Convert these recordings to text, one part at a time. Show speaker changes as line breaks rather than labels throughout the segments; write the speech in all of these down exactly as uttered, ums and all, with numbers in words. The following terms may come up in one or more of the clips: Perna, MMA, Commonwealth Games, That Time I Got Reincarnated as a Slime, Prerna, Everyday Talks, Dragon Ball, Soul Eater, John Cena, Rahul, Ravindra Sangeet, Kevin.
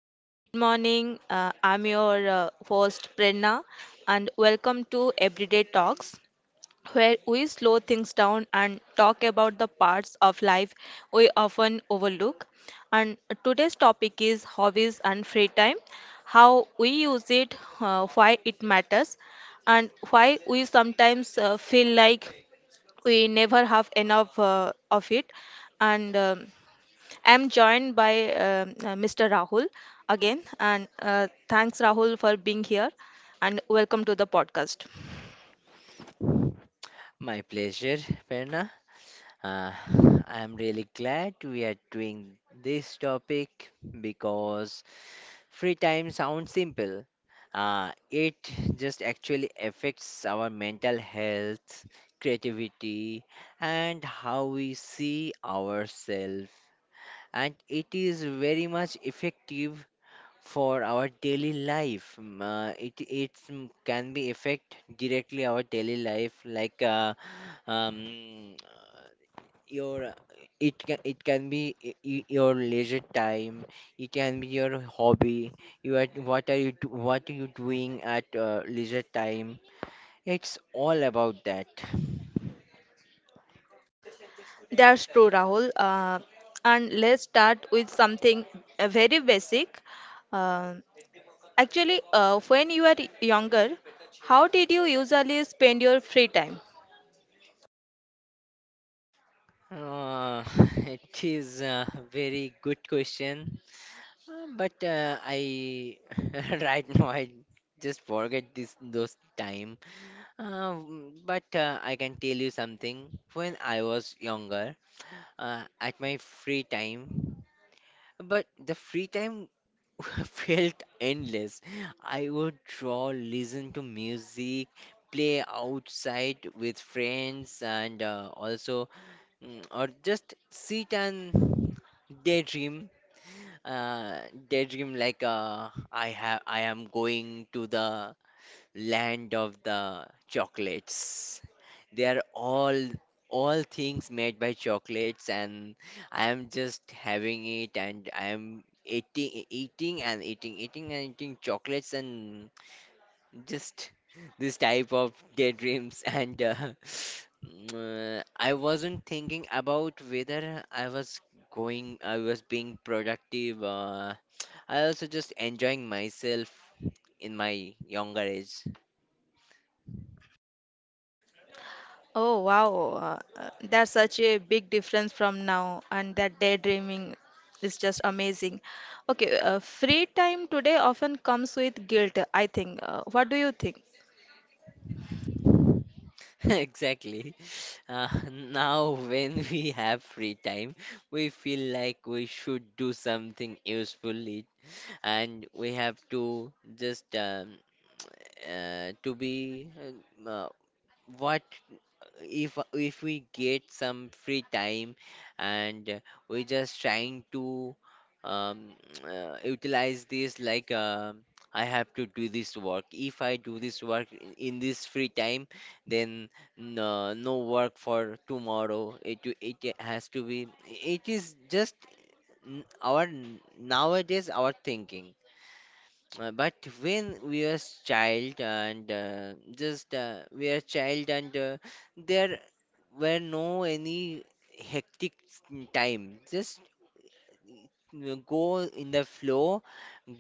Uh, good morning. Uh, I'm your uh, host, Prerna, and welcome to Everyday Talks, where we slow things down and talk about the parts of life we often overlook. And today's topic is hobbies and free time, how we use it, uh, why it matters, and why we sometimes uh, feel like we never have enough uh, of it. And um I'm joined by um, uh, Mister Rahul again, and uh, thanks Rahul for being here, and welcome to the podcast.
My pleasure, Perna. Uh, I'm really glad we are doing this topic because free time sounds simple. Uh, it just actually affects our mental health, creativity, and how we see ourselves. And it is very much effective for our daily life. Mm, Uh, it it's, mm, can be affect directly our daily life, like uh, um, uh, your it can it can be y- y- your leisure time. It can be your hobby. You are what are you do, what are you doing at uh, leisure time? It's all about that.
That's true, Rahul. Uh, and let's start with something uh, very basic. Uh, actually, uh, when you were younger, how did you usually spend your free time?
Uh, it is a very good question. Um, but uh, I right now I just forget this those time. Um, but uh, I can tell you something. When I was younger, uh, at my free time, but the free time felt endless. I would draw, listen to music, play outside with friends, and uh, also mm, or just sit and daydream uh, daydream like uh, I have I am going to the land of the chocolates. They are all all things made by chocolates, and I am just having it, and I am eating eating and eating eating and eating chocolates and just this type of daydreams and uh, uh, I wasn't thinking about whether I was going I was being productive. uh, I also just enjoying myself in my younger age.
Oh wow, uh, uh, that's such a big difference from now, and that daydreaming is just amazing. Okay, uh, free time today often comes with guilt, I think. Uh, what do you think?
Exactly. Uh, now when we have free time we feel like we should do something useful it- and we have to just um, uh, to be uh, what if if we get some free time and uh, we just trying to um, uh, utilize this like um I have to do this work. If I do this work in in this free time, then no, no work for tomorrow. It it has to be. It is just n- our n- nowadays our thinking. Uh, but when we are child and uh, just uh, we are child and uh, there were no any hectic time. Just uh, go in the flow,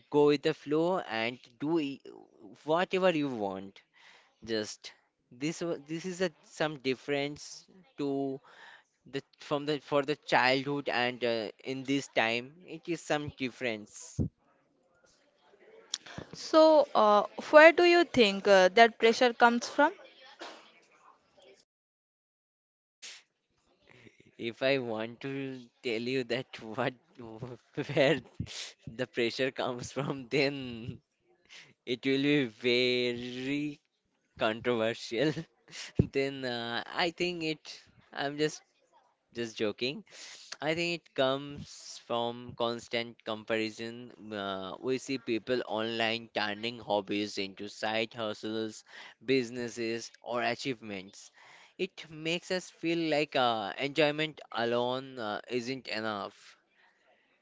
go with the flow and do i- whatever you want. Just this wa- this is a some difference to the from the for the childhood and uh, in this time it is some difference.
So, uh, where do you think uh, that pressure comes from?
If I want to tell you that what where the pressure comes from, then it will be very controversial. Then uh, I think it. I'm just just joking. I think it comes from constant comparison. Uh, we see people online turning hobbies into side hustles, businesses, or achievements. It makes us feel like uh, enjoyment alone uh, isn't enough.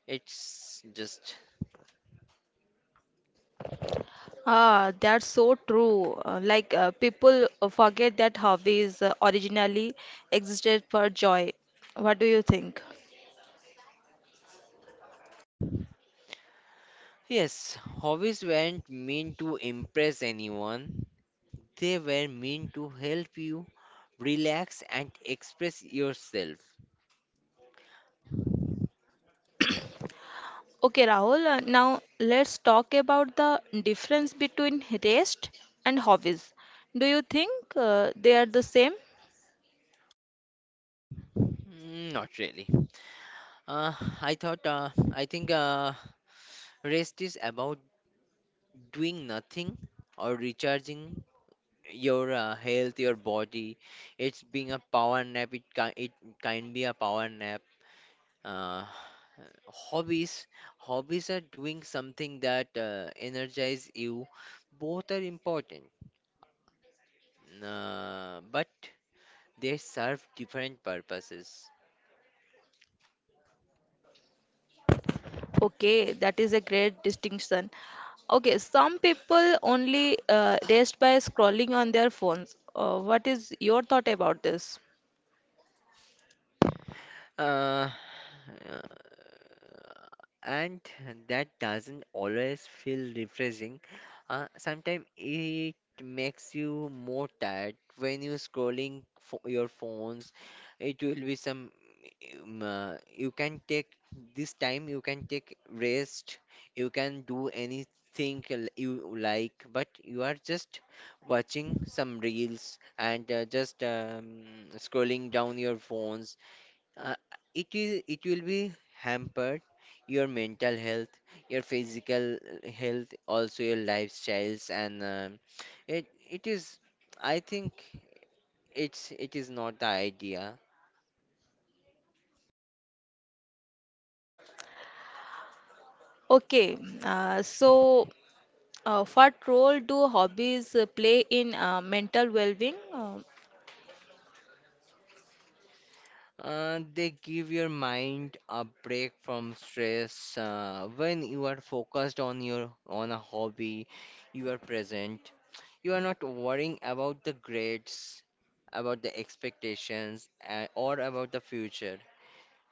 It's just.
Ah, that's so true. Uh, like uh, people uh, forget that hobbies uh, originally existed for joy. What do you think?
Yes, hobbies weren't meant to impress anyone, they were meant to help you relax and express yourself.
Okay, Rahul, uh, now let's talk about the difference between rest and hobbies. Do you think uh, they are the same?
Mm, not really. Uh, I thought, uh, I think uh, rest is about doing nothing or recharging your uh, health, your body. It's being a power nap. It can it can be a power nap. Uh, hobbies, hobbies are doing something that uh, energize you. Both are important, uh, but they serve different purposes.
Okay, that is a great distinction. Okay, some people only uh, rest by scrolling on their phones. Uh, what is your thought about this?
Uh, uh, and that doesn't always feel refreshing. Uh, sometimes it makes you more tired when you're scrolling fo your phones. It will be some. Um, uh, you can take this time. You can take rest. You can do anything l- you like, but you are just watching some reels and uh, just um, scrolling down your phones. Uh, it will it will be hampered your mental health your physical health also your lifestyles and um, it it is I think it's it is not the idea.
Okay, uh, so uh, what role do hobbies uh, play in uh, mental well-being? Uh,
Uh, they give your mind a break from stress uh, when you are focused on your on a hobby you are present, you are not worrying about the grades, about the expectations, uh, or about the future.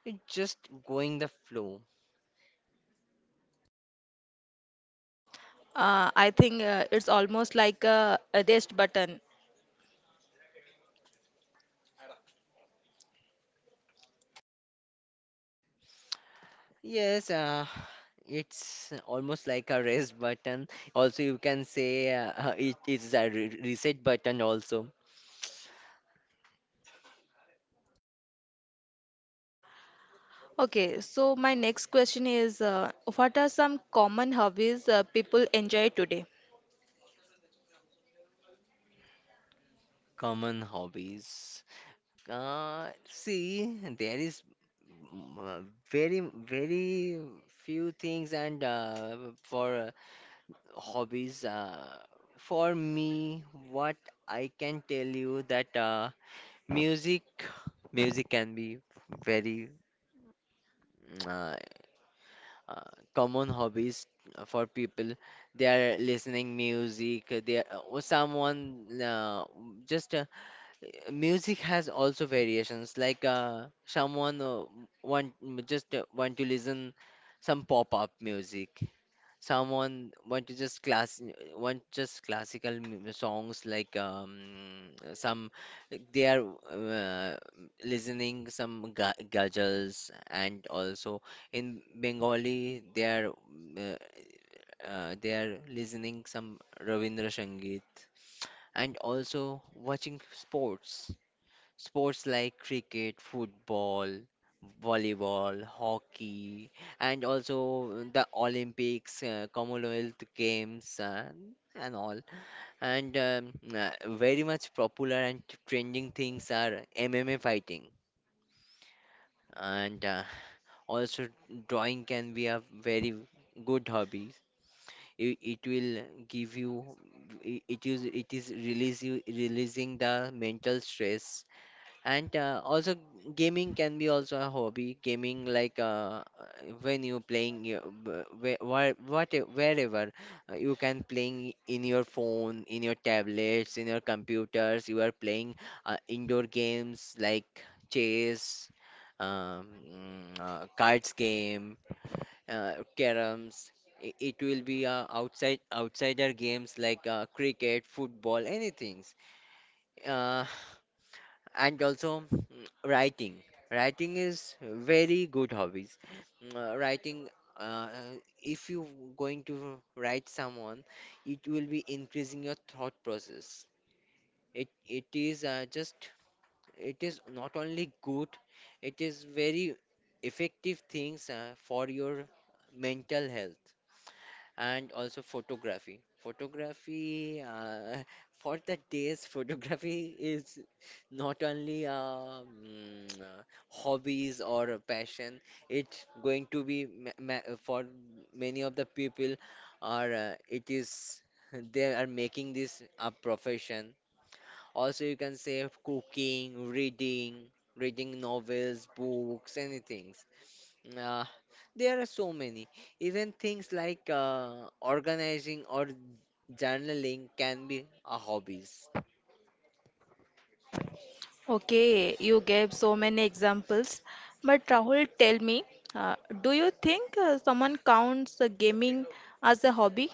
You just going the flow.
uh, I think uh, it's almost like a, a rest button.
Yes, uh, it's almost like a rest button. Also, you can say uh, uh, it is a re- reset button also.
Okay, so my next question is uh, what are some common hobbies uh, people enjoy today?
Common hobbies. Uh, see, there is mm, uh, very, very few things, and uh, for uh, hobbies, uh, for me, what I can tell you that uh, music, music can be very mm, uh, uh, common hobbies uh, for people. They are listening music, they are, or someone uh, just uh, music has also variations like uh, someone uh, want just uh, want to listen some pop-up music, someone want to just class want just classical mu- songs like um some like, they are uh, listening some ga- ghazals, and also in Bengali they are uh, uh, they are listening some Ravindra Sangeet, and also watching sports. Sports like cricket, football, volleyball, hockey, and also the Olympics, uh, Commonwealth Games, uh, and all. And um, uh, very much popular and trending things are M M A fighting, and uh, also drawing can be a very good hobby. It, it will give you. It it is it is release you, releasing the mental stress. And uh, also gaming can be also a hobby. Gaming like uh, when you playing your- wh- wh- where what wherever uh, you can playing in your phone, in your tablets, in your computers. You are playing uh, indoor games like chess, um, mm, uh, cards game, uh, caroms. I- It will be uh, outside outsider games like uh, cricket, football, anything. And also mm, writing writing is very good hobbies. Mm, uh, writing uh, if you going to write someone it will be increasing your thought process. it it is uh, just it is not only good, it is very effective things uh, for your mental health. And also photography. Photography uh, for the days, photography is not only um, uh, hobbies or a passion. It's going to be ma ma for many of the people, or uh, it is they are making this a profession. Also, you can say cooking, reading, reading novels, books, anything. Uh, there are so many. Even things like uh, organizing or journaling can be a hobbies.
Okay, you gave so many examples, but Rahul, tell me, uh, do you think uh, someone counts uh, gaming as a hobby?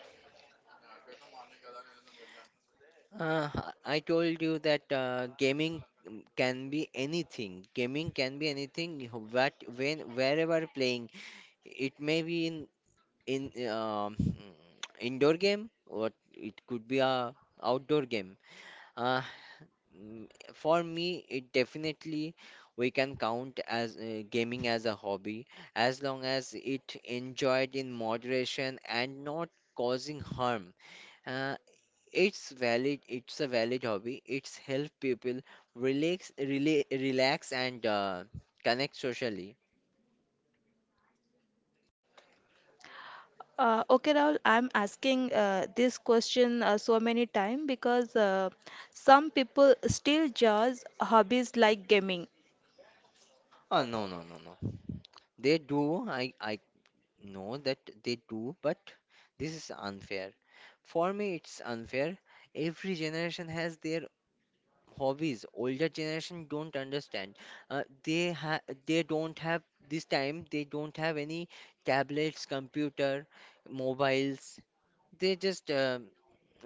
Uh, I told you that uh, gaming mm, can be anything. Gaming can be anything. What when wherever playing, it may be in in um indoor game or it could be a outdoor game. Uh, Mm, For me, it definitely we can count as uh, gaming as a hobby as long as it enjoyed in moderation and not causing harm. Uh, it's valid. It's a valid hobby. It's help people relax, rela relax and uh, connect socially.
Uh, okay, Rahul, I'm asking uh, this question uh, so many times because uh, some people still judge hobbies like gaming.
Oh no, no, no, no. They do. I I know that they do, but this is unfair. For me, it's unfair. Every generation has their hobbies. Older generation don't understand, uh, they ha- they don't have this time, they don't have any tablets, computer, mobiles. They just uh,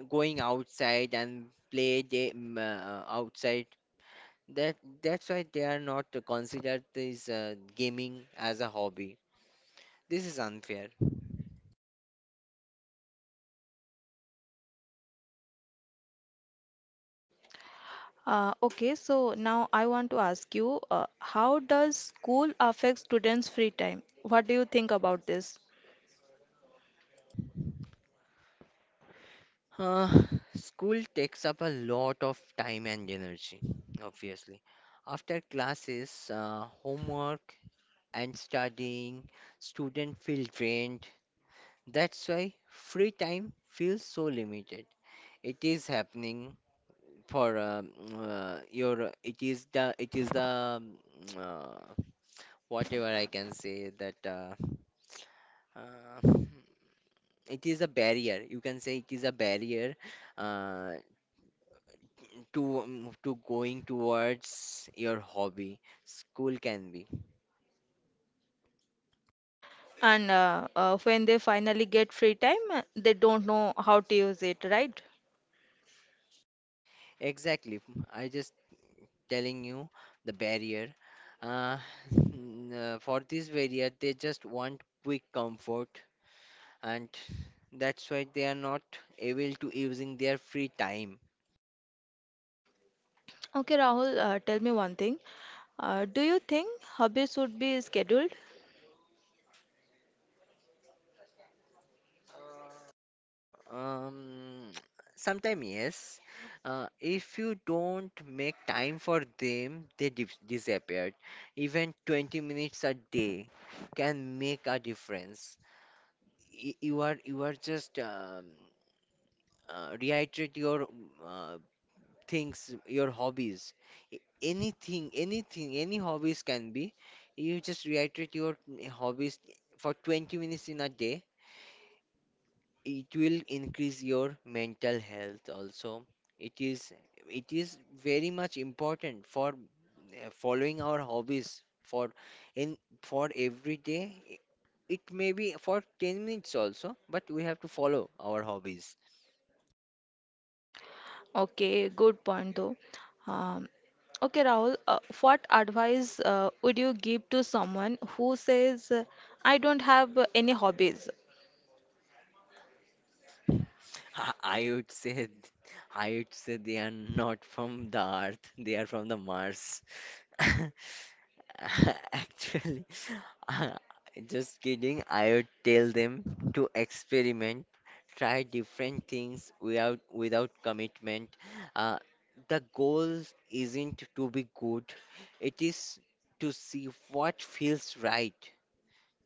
going outside and play game uh, outside. That that's why they are not considered this uh, gaming as a hobby. This is unfair.
Uh, okay, so now I want to ask you, uh, how does school affect students' free time? What do you think about this?
uh, School takes up a lot of time and energy. Obviously, after classes, uh, homework, and studying, student feel drained. That's why free time feels so limited. It is happening for um, uh, your. It is the. It is the. Um, Uh, whatever I can say that. Uh, uh, it is a barrier. You can say it is a barrier uh, to um, to going towards your hobby. School can be
And uh, uh, when they finally get free time, uh, they don't know how to use it, right?
exactly. I just telling you the barrier. Uh, n- uh, for this barrier, they just want quick comfort, and that's why they are not able to using their free time.
Okay, Rahul, uh, tell me one thing. Uh, do you think hobbies should be scheduled?
Um, sometime yes, uh, if you don't make time for them, they dis- disappeared. Even twenty minutes a day can make a difference. Y- You are you are just um, uh, reiterate your uh, things, your hobbies, a- anything, anything, any hobbies can be. You just reiterate your hobbies for twenty minutes in a day. It will increase your mental health also. It is it is very much important for uh, following our hobbies for in for every day. It may be for ten minutes also, but we have to follow our hobbies.
Okay, good point though. Um, okay, Rahul, uh, what advice uh, would you give to someone who says, uh, I don't have uh, any hobbies?
I I would say, I would say they are not from the Earth, they are from the Mars. Actually, uh, just kidding. I would tell them to experiment, try different things without without commitment. Uh, the goal isn't to be good, it is to see what feels right.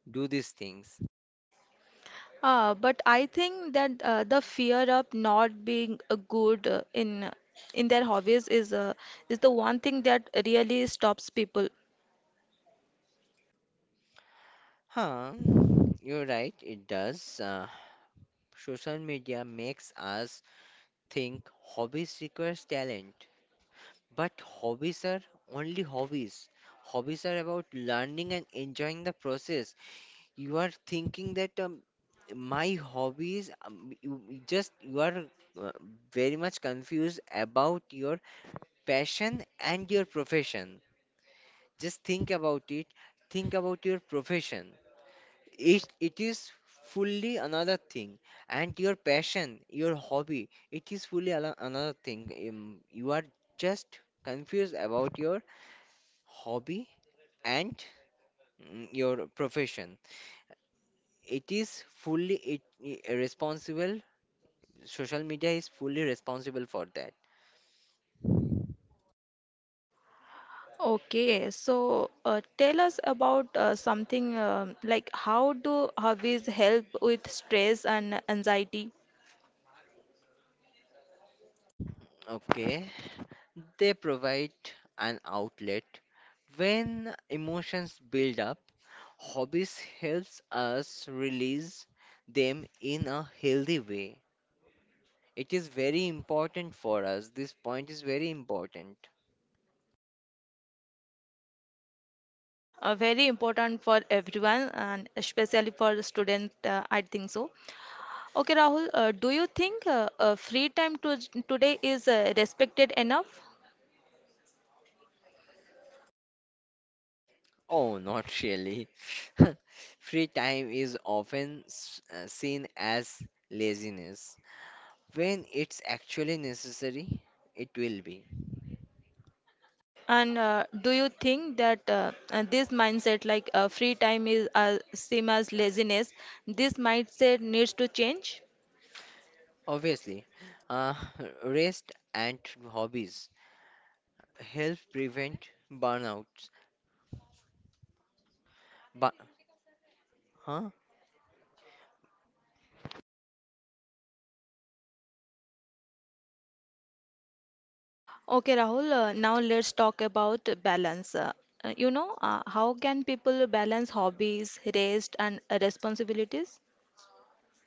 Do these things.
Uh, but I think that uh, the fear of not being uh, good uh, in in their hobbies is uh, is the one thing that really stops people.
Huh, you're right, it does. Uh, Social media makes us think hobbies requires talent, but hobbies are only hobbies. Hobbies are about learning and enjoying the process. You are thinking that um, my hobbies, um, you, you just you are uh, very much confused about your passion and your profession. Just think about it. Think about your profession. It, it is fully another thing, and your passion, your hobby, it is fully ano- another thing. Um, you are just confused about your hobby and mm, your profession. It is fully it, i- responsible. Social media is fully responsible for that.
Okay, so uh, tell us about uh, something um like how do hobbies help with stress and anxiety?
Okay. They provide an outlet when emotions build up. Hobbies helps us release them in a healthy way. It is very important for us. This point is very important.
Uh, very important for everyone and especially for the student, uh, I think so. Okay, Rahul, uh, do you think uh, uh, free time to today is uh, respected enough?
Oh, not really. Free time is often s- uh, seen as laziness. When it's actually necessary, it will be.
And uh, do you think that uh, uh, this mindset, like uh, free time, is uh, same as laziness? This mindset needs to change.
Obviously, uh, rest and hobbies help prevent burnouts. But, huh?
Okay, Rahul. Uh, now let's talk about balance. Uh, uh, you know, uh, how can people balance hobbies, rest, and uh, responsibilities?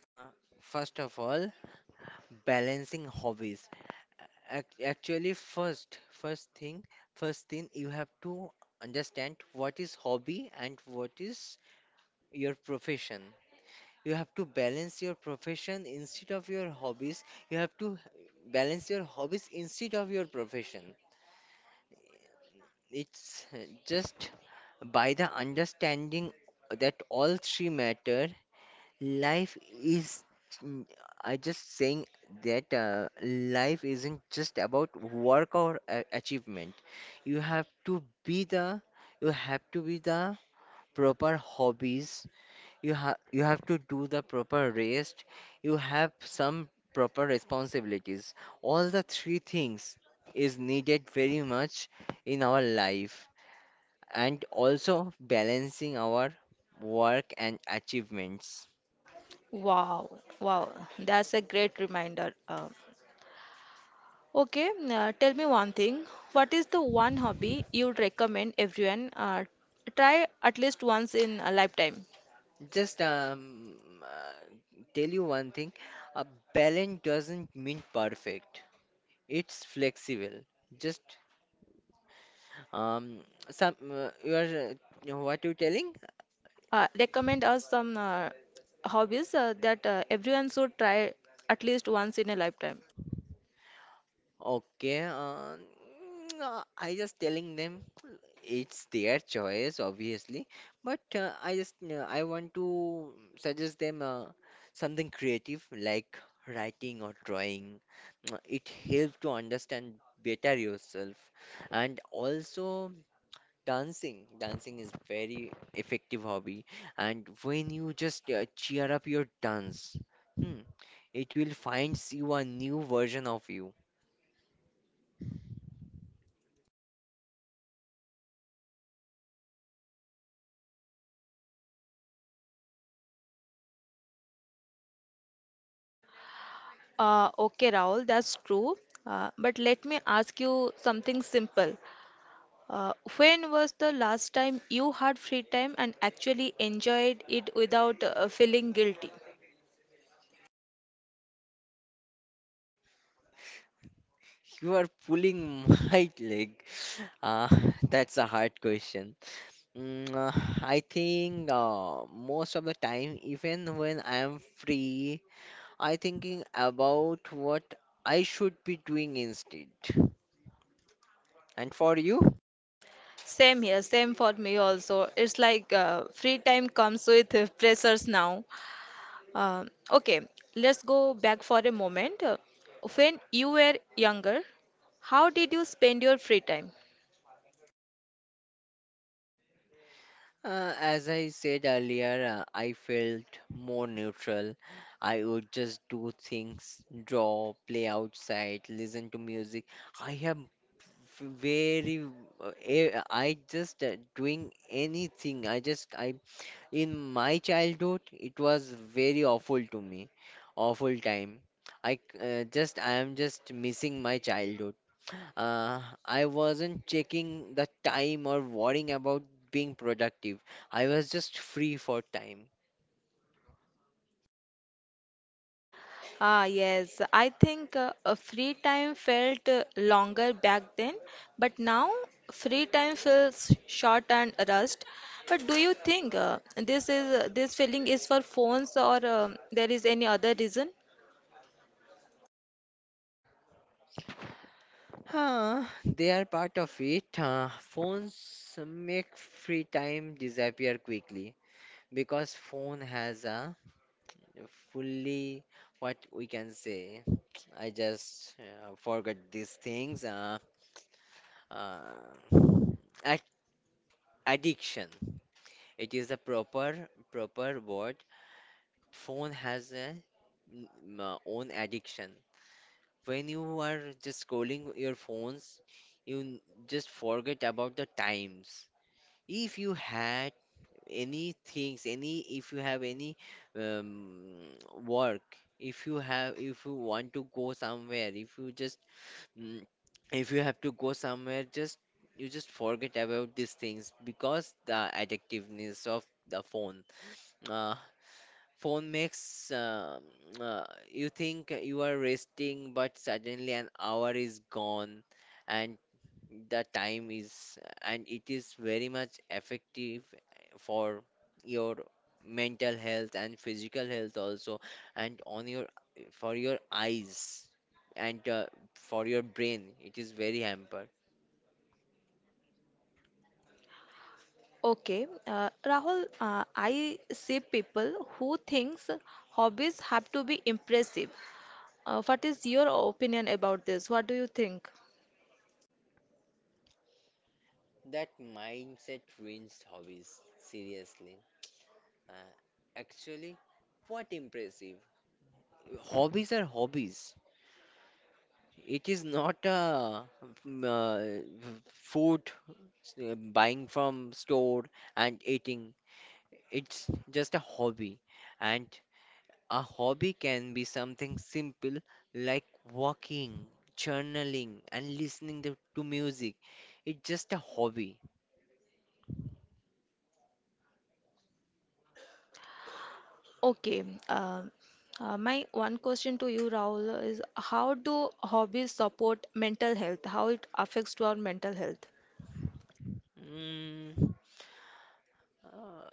Uh, First of all, balancing hobbies. Ac- Actually, first, first thing, first thing, you have to understand what is hobby and what is your profession. You have to balance your profession instead of your hobbies. You have to balance your hobbies instead of your profession. It's uh, Just by the understanding that all three matter, life is. mm, I just saying that uh, life isn't just about work or a- achievement. You have to be the. You have to be the proper hobbies. You have you have to do the proper rest. You have some proper responsibilities. All the three things is needed very much in our life and also balancing our work and achievements.
Wow, wow, that's a great reminder. Uh, okay, uh, tell me one thing. What is the one hobby you'd recommend everyone uh, try at least once in a lifetime?
Just um, uh, tell you one thing a balance doesn't mean perfect, it's flexible. Just um, some uh, you are uh, what you telling?
Uh, recommend us some uh, hobbies uh, that uh, everyone should try at least once in a lifetime.
Okay, uh, mm, uh, I just telling them it's their choice, obviously, but uh, I just uh, I want to suggest them uh, something creative like writing or drawing. It helps to understand better yourself, and also dancing. Dancing is very effective hobby, and when you just uh, cheer up your dance, hmm, it will finds you a new version of you.
Uh, okay, Rahul, that's true. Uh, but let me ask you something simple. Uh, when was the last time you had free time and actually enjoyed it without uh, feeling guilty?
You are pulling my leg. Ah, that's a hard question. Mm, uh, I think uh, most of the time, even when I am free, I thinking about what I should be doing instead. And for you,
Same here, same for me also. It's like uh, free time comes with uh, pressures now. Uh, okay, let's go back for a moment. Uh, When you were younger, how did you spend your free time?
uh, as I said earlier, uh, I felt more neutral. I would just do things, draw, play outside, listen to music. I have very uh, eh, I just uh, doing anything. I just I in my childhood, it was very awful to me, awful time. I c- uh, just I am just missing my childhood. Uh, I wasn't checking the time or worrying about being productive. I was just free for time.
Ah, yes, I think uh, uh, free time felt uh, longer back then, but now free time feels short and rushed. But do you think uh, this is uh, this feeling is for phones or um there is any other reason?
Huh, they are part of it. Uh, phones make free time disappear quickly because phone has a fully, what we can say. I just uh, forgot these things. Uh, uh, ad- Addiction. It is a proper proper word. Phone has a mm, uh, own addiction. When you are just scrolling your phones, you n- just forget about the times. If you had any things any if you have any um, work, if you have if you want to go somewhere, if you just mm, if you have to go somewhere, just you just forget about these things because the addictiveness of the phone, uh, phone makes uh, uh, you think you are resting, but suddenly an hour is gone, and the time is, and it is very much effective for your mental health and physical health also, and on your for your eyes, and uh, for your brain, it is very hamper.
Okay, uh, Rahul, uh, I see people who thinks hobbies have to be impressive. Uh, what is your opinion about this? What do you think?
That mindset ruins hobbies seriously. uh, Actually, what impressive hobbies are hobbies. It is not a mm, uh, food uh, buying from store and eating. It's just a hobby. And a hobby can be something simple like walking, journaling, and listening to, to music. It's just a hobby.
Okay. Uh, uh, my one question to you, Rahul, is how do hobbies support mental health? How it affects to our mental health?
Mm, uh,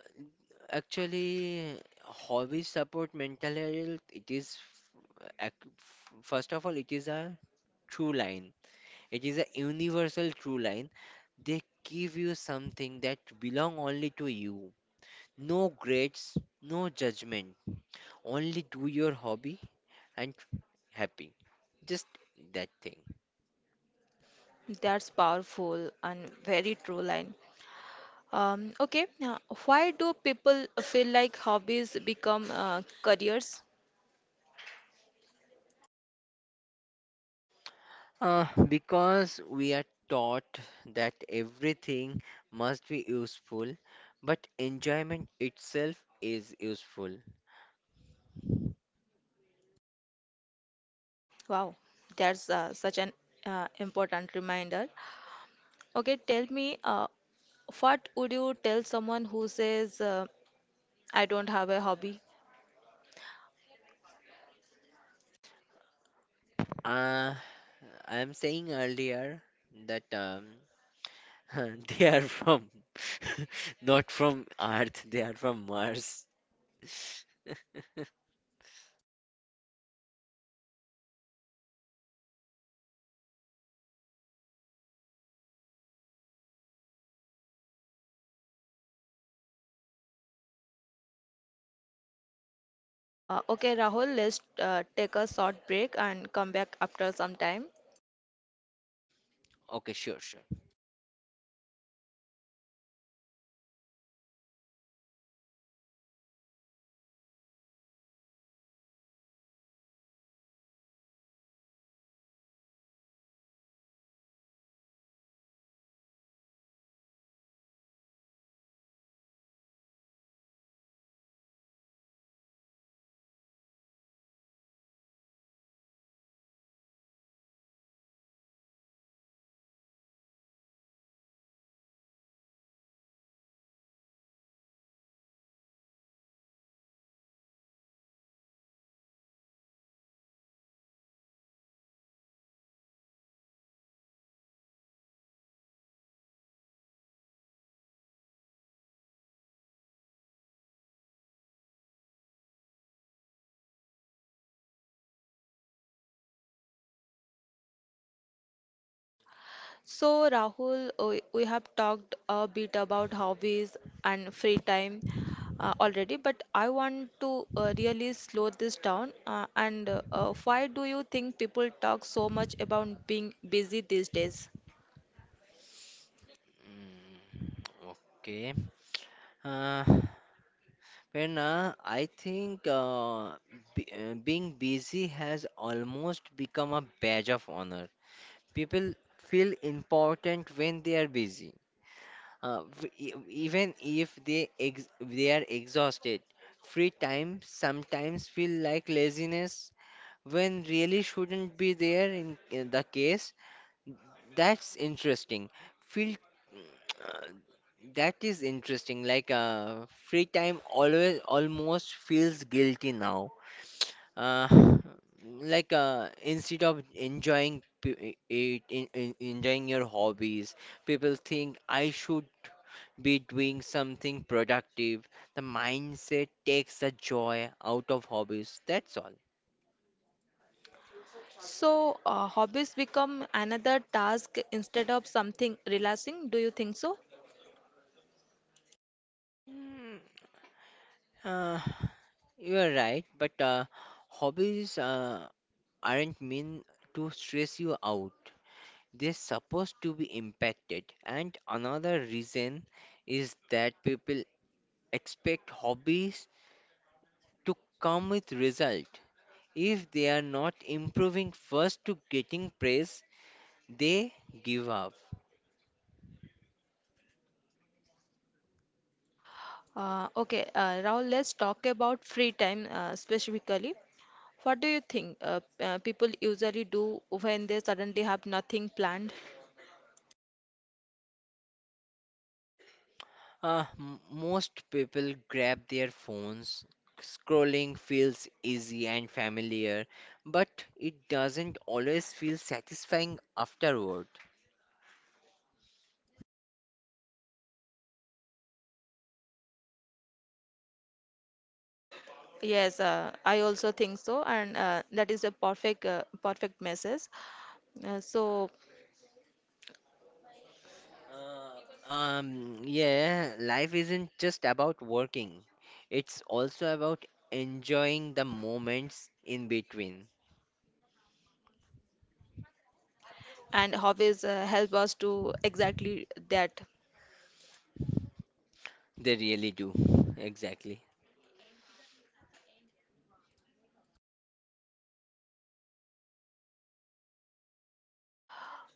Actually, hobbies support mental health. It is, f- ac- f- first of all, it is a true line. It is a universal true line. They give you something that belong only to you. No grades, no judgment. Only do your hobby and happy. Just that thing.
That's powerful and very true line. Um, okay. Uh, why do people feel like hobbies become uh, careers?
Uh, because we are taught that everything must be useful, but enjoyment itself is useful.
Wow, that's uh, such an uh, important reminder. Okay, tell me, uh, what would you tell someone who says, uh, I don't have a hobby.
Uh, I'm saying earlier that um, they are from not from Earth, they are from Mars.
Uh, okay, Rahul, let's uh, take a short break and come back after some time.
Okay, sure, sure.
So, Rahul, we, we have talked a bit about hobbies and free time uh, already, but I want to uh, really slow this down. Uh, and uh, uh, why do you think people talk so much about being busy these days?
Mm, okay. Uh, Prerna, I think uh, b uh, being busy has almost become a badge of honor. People feel important when they are busy. Uh, v- e- Even if they ex they are exhausted, free time sometimes feel like laziness when really shouldn't be there in, in the case. That's interesting feel. uh, that is interesting, like uh, free time always almost feels guilty now, uh, like uh, instead of enjoying p- it, in, in, enjoying your hobbies, people think I should be doing something productive. The mindset takes the joy out of hobbies, that's all.
So, uh, hobbies become another task instead of something relaxing. Do you think so?
Mm, uh, You are right, but uh, hobbies uh, aren't meant to stress you out. They're supposed to be impacted. And another reason is that people expect hobbies to come with result. If they are not improving first to getting praise, they give up.
Uh, okay, uh, Rahul, let's talk about free time uh, specifically. What do you think uh, uh, people usually do when they suddenly have nothing planned?
Uh, m- most people grab their phones. Scrolling feels easy and familiar, but it doesn't always feel satisfying afterward.
Yes, uh, I also think so, and uh, that is a perfect uh, perfect message. Uh, so,
Um, yeah, life isn't just about working, it's also about enjoying the moments in between.
and hobbies uh, help us to exactly that.
They really do. Exactly.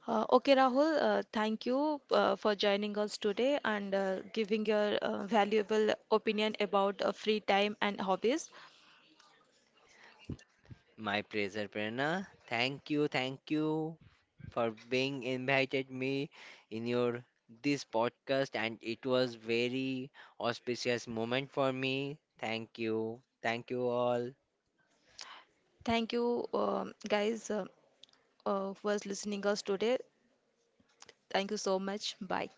Uh, okay, Rahul, uh, thank you uh, for joining us today and uh, giving your uh, valuable opinion about uh, free time and hobbies.
My pleasure, Prerna. Thank you, thank you. For being invited me in your this podcast and it was very auspicious moment for me. Thank you. Thank you all.
Thank you, um, guys, uh, uh, who was listening us today. Thank you so much. Bye.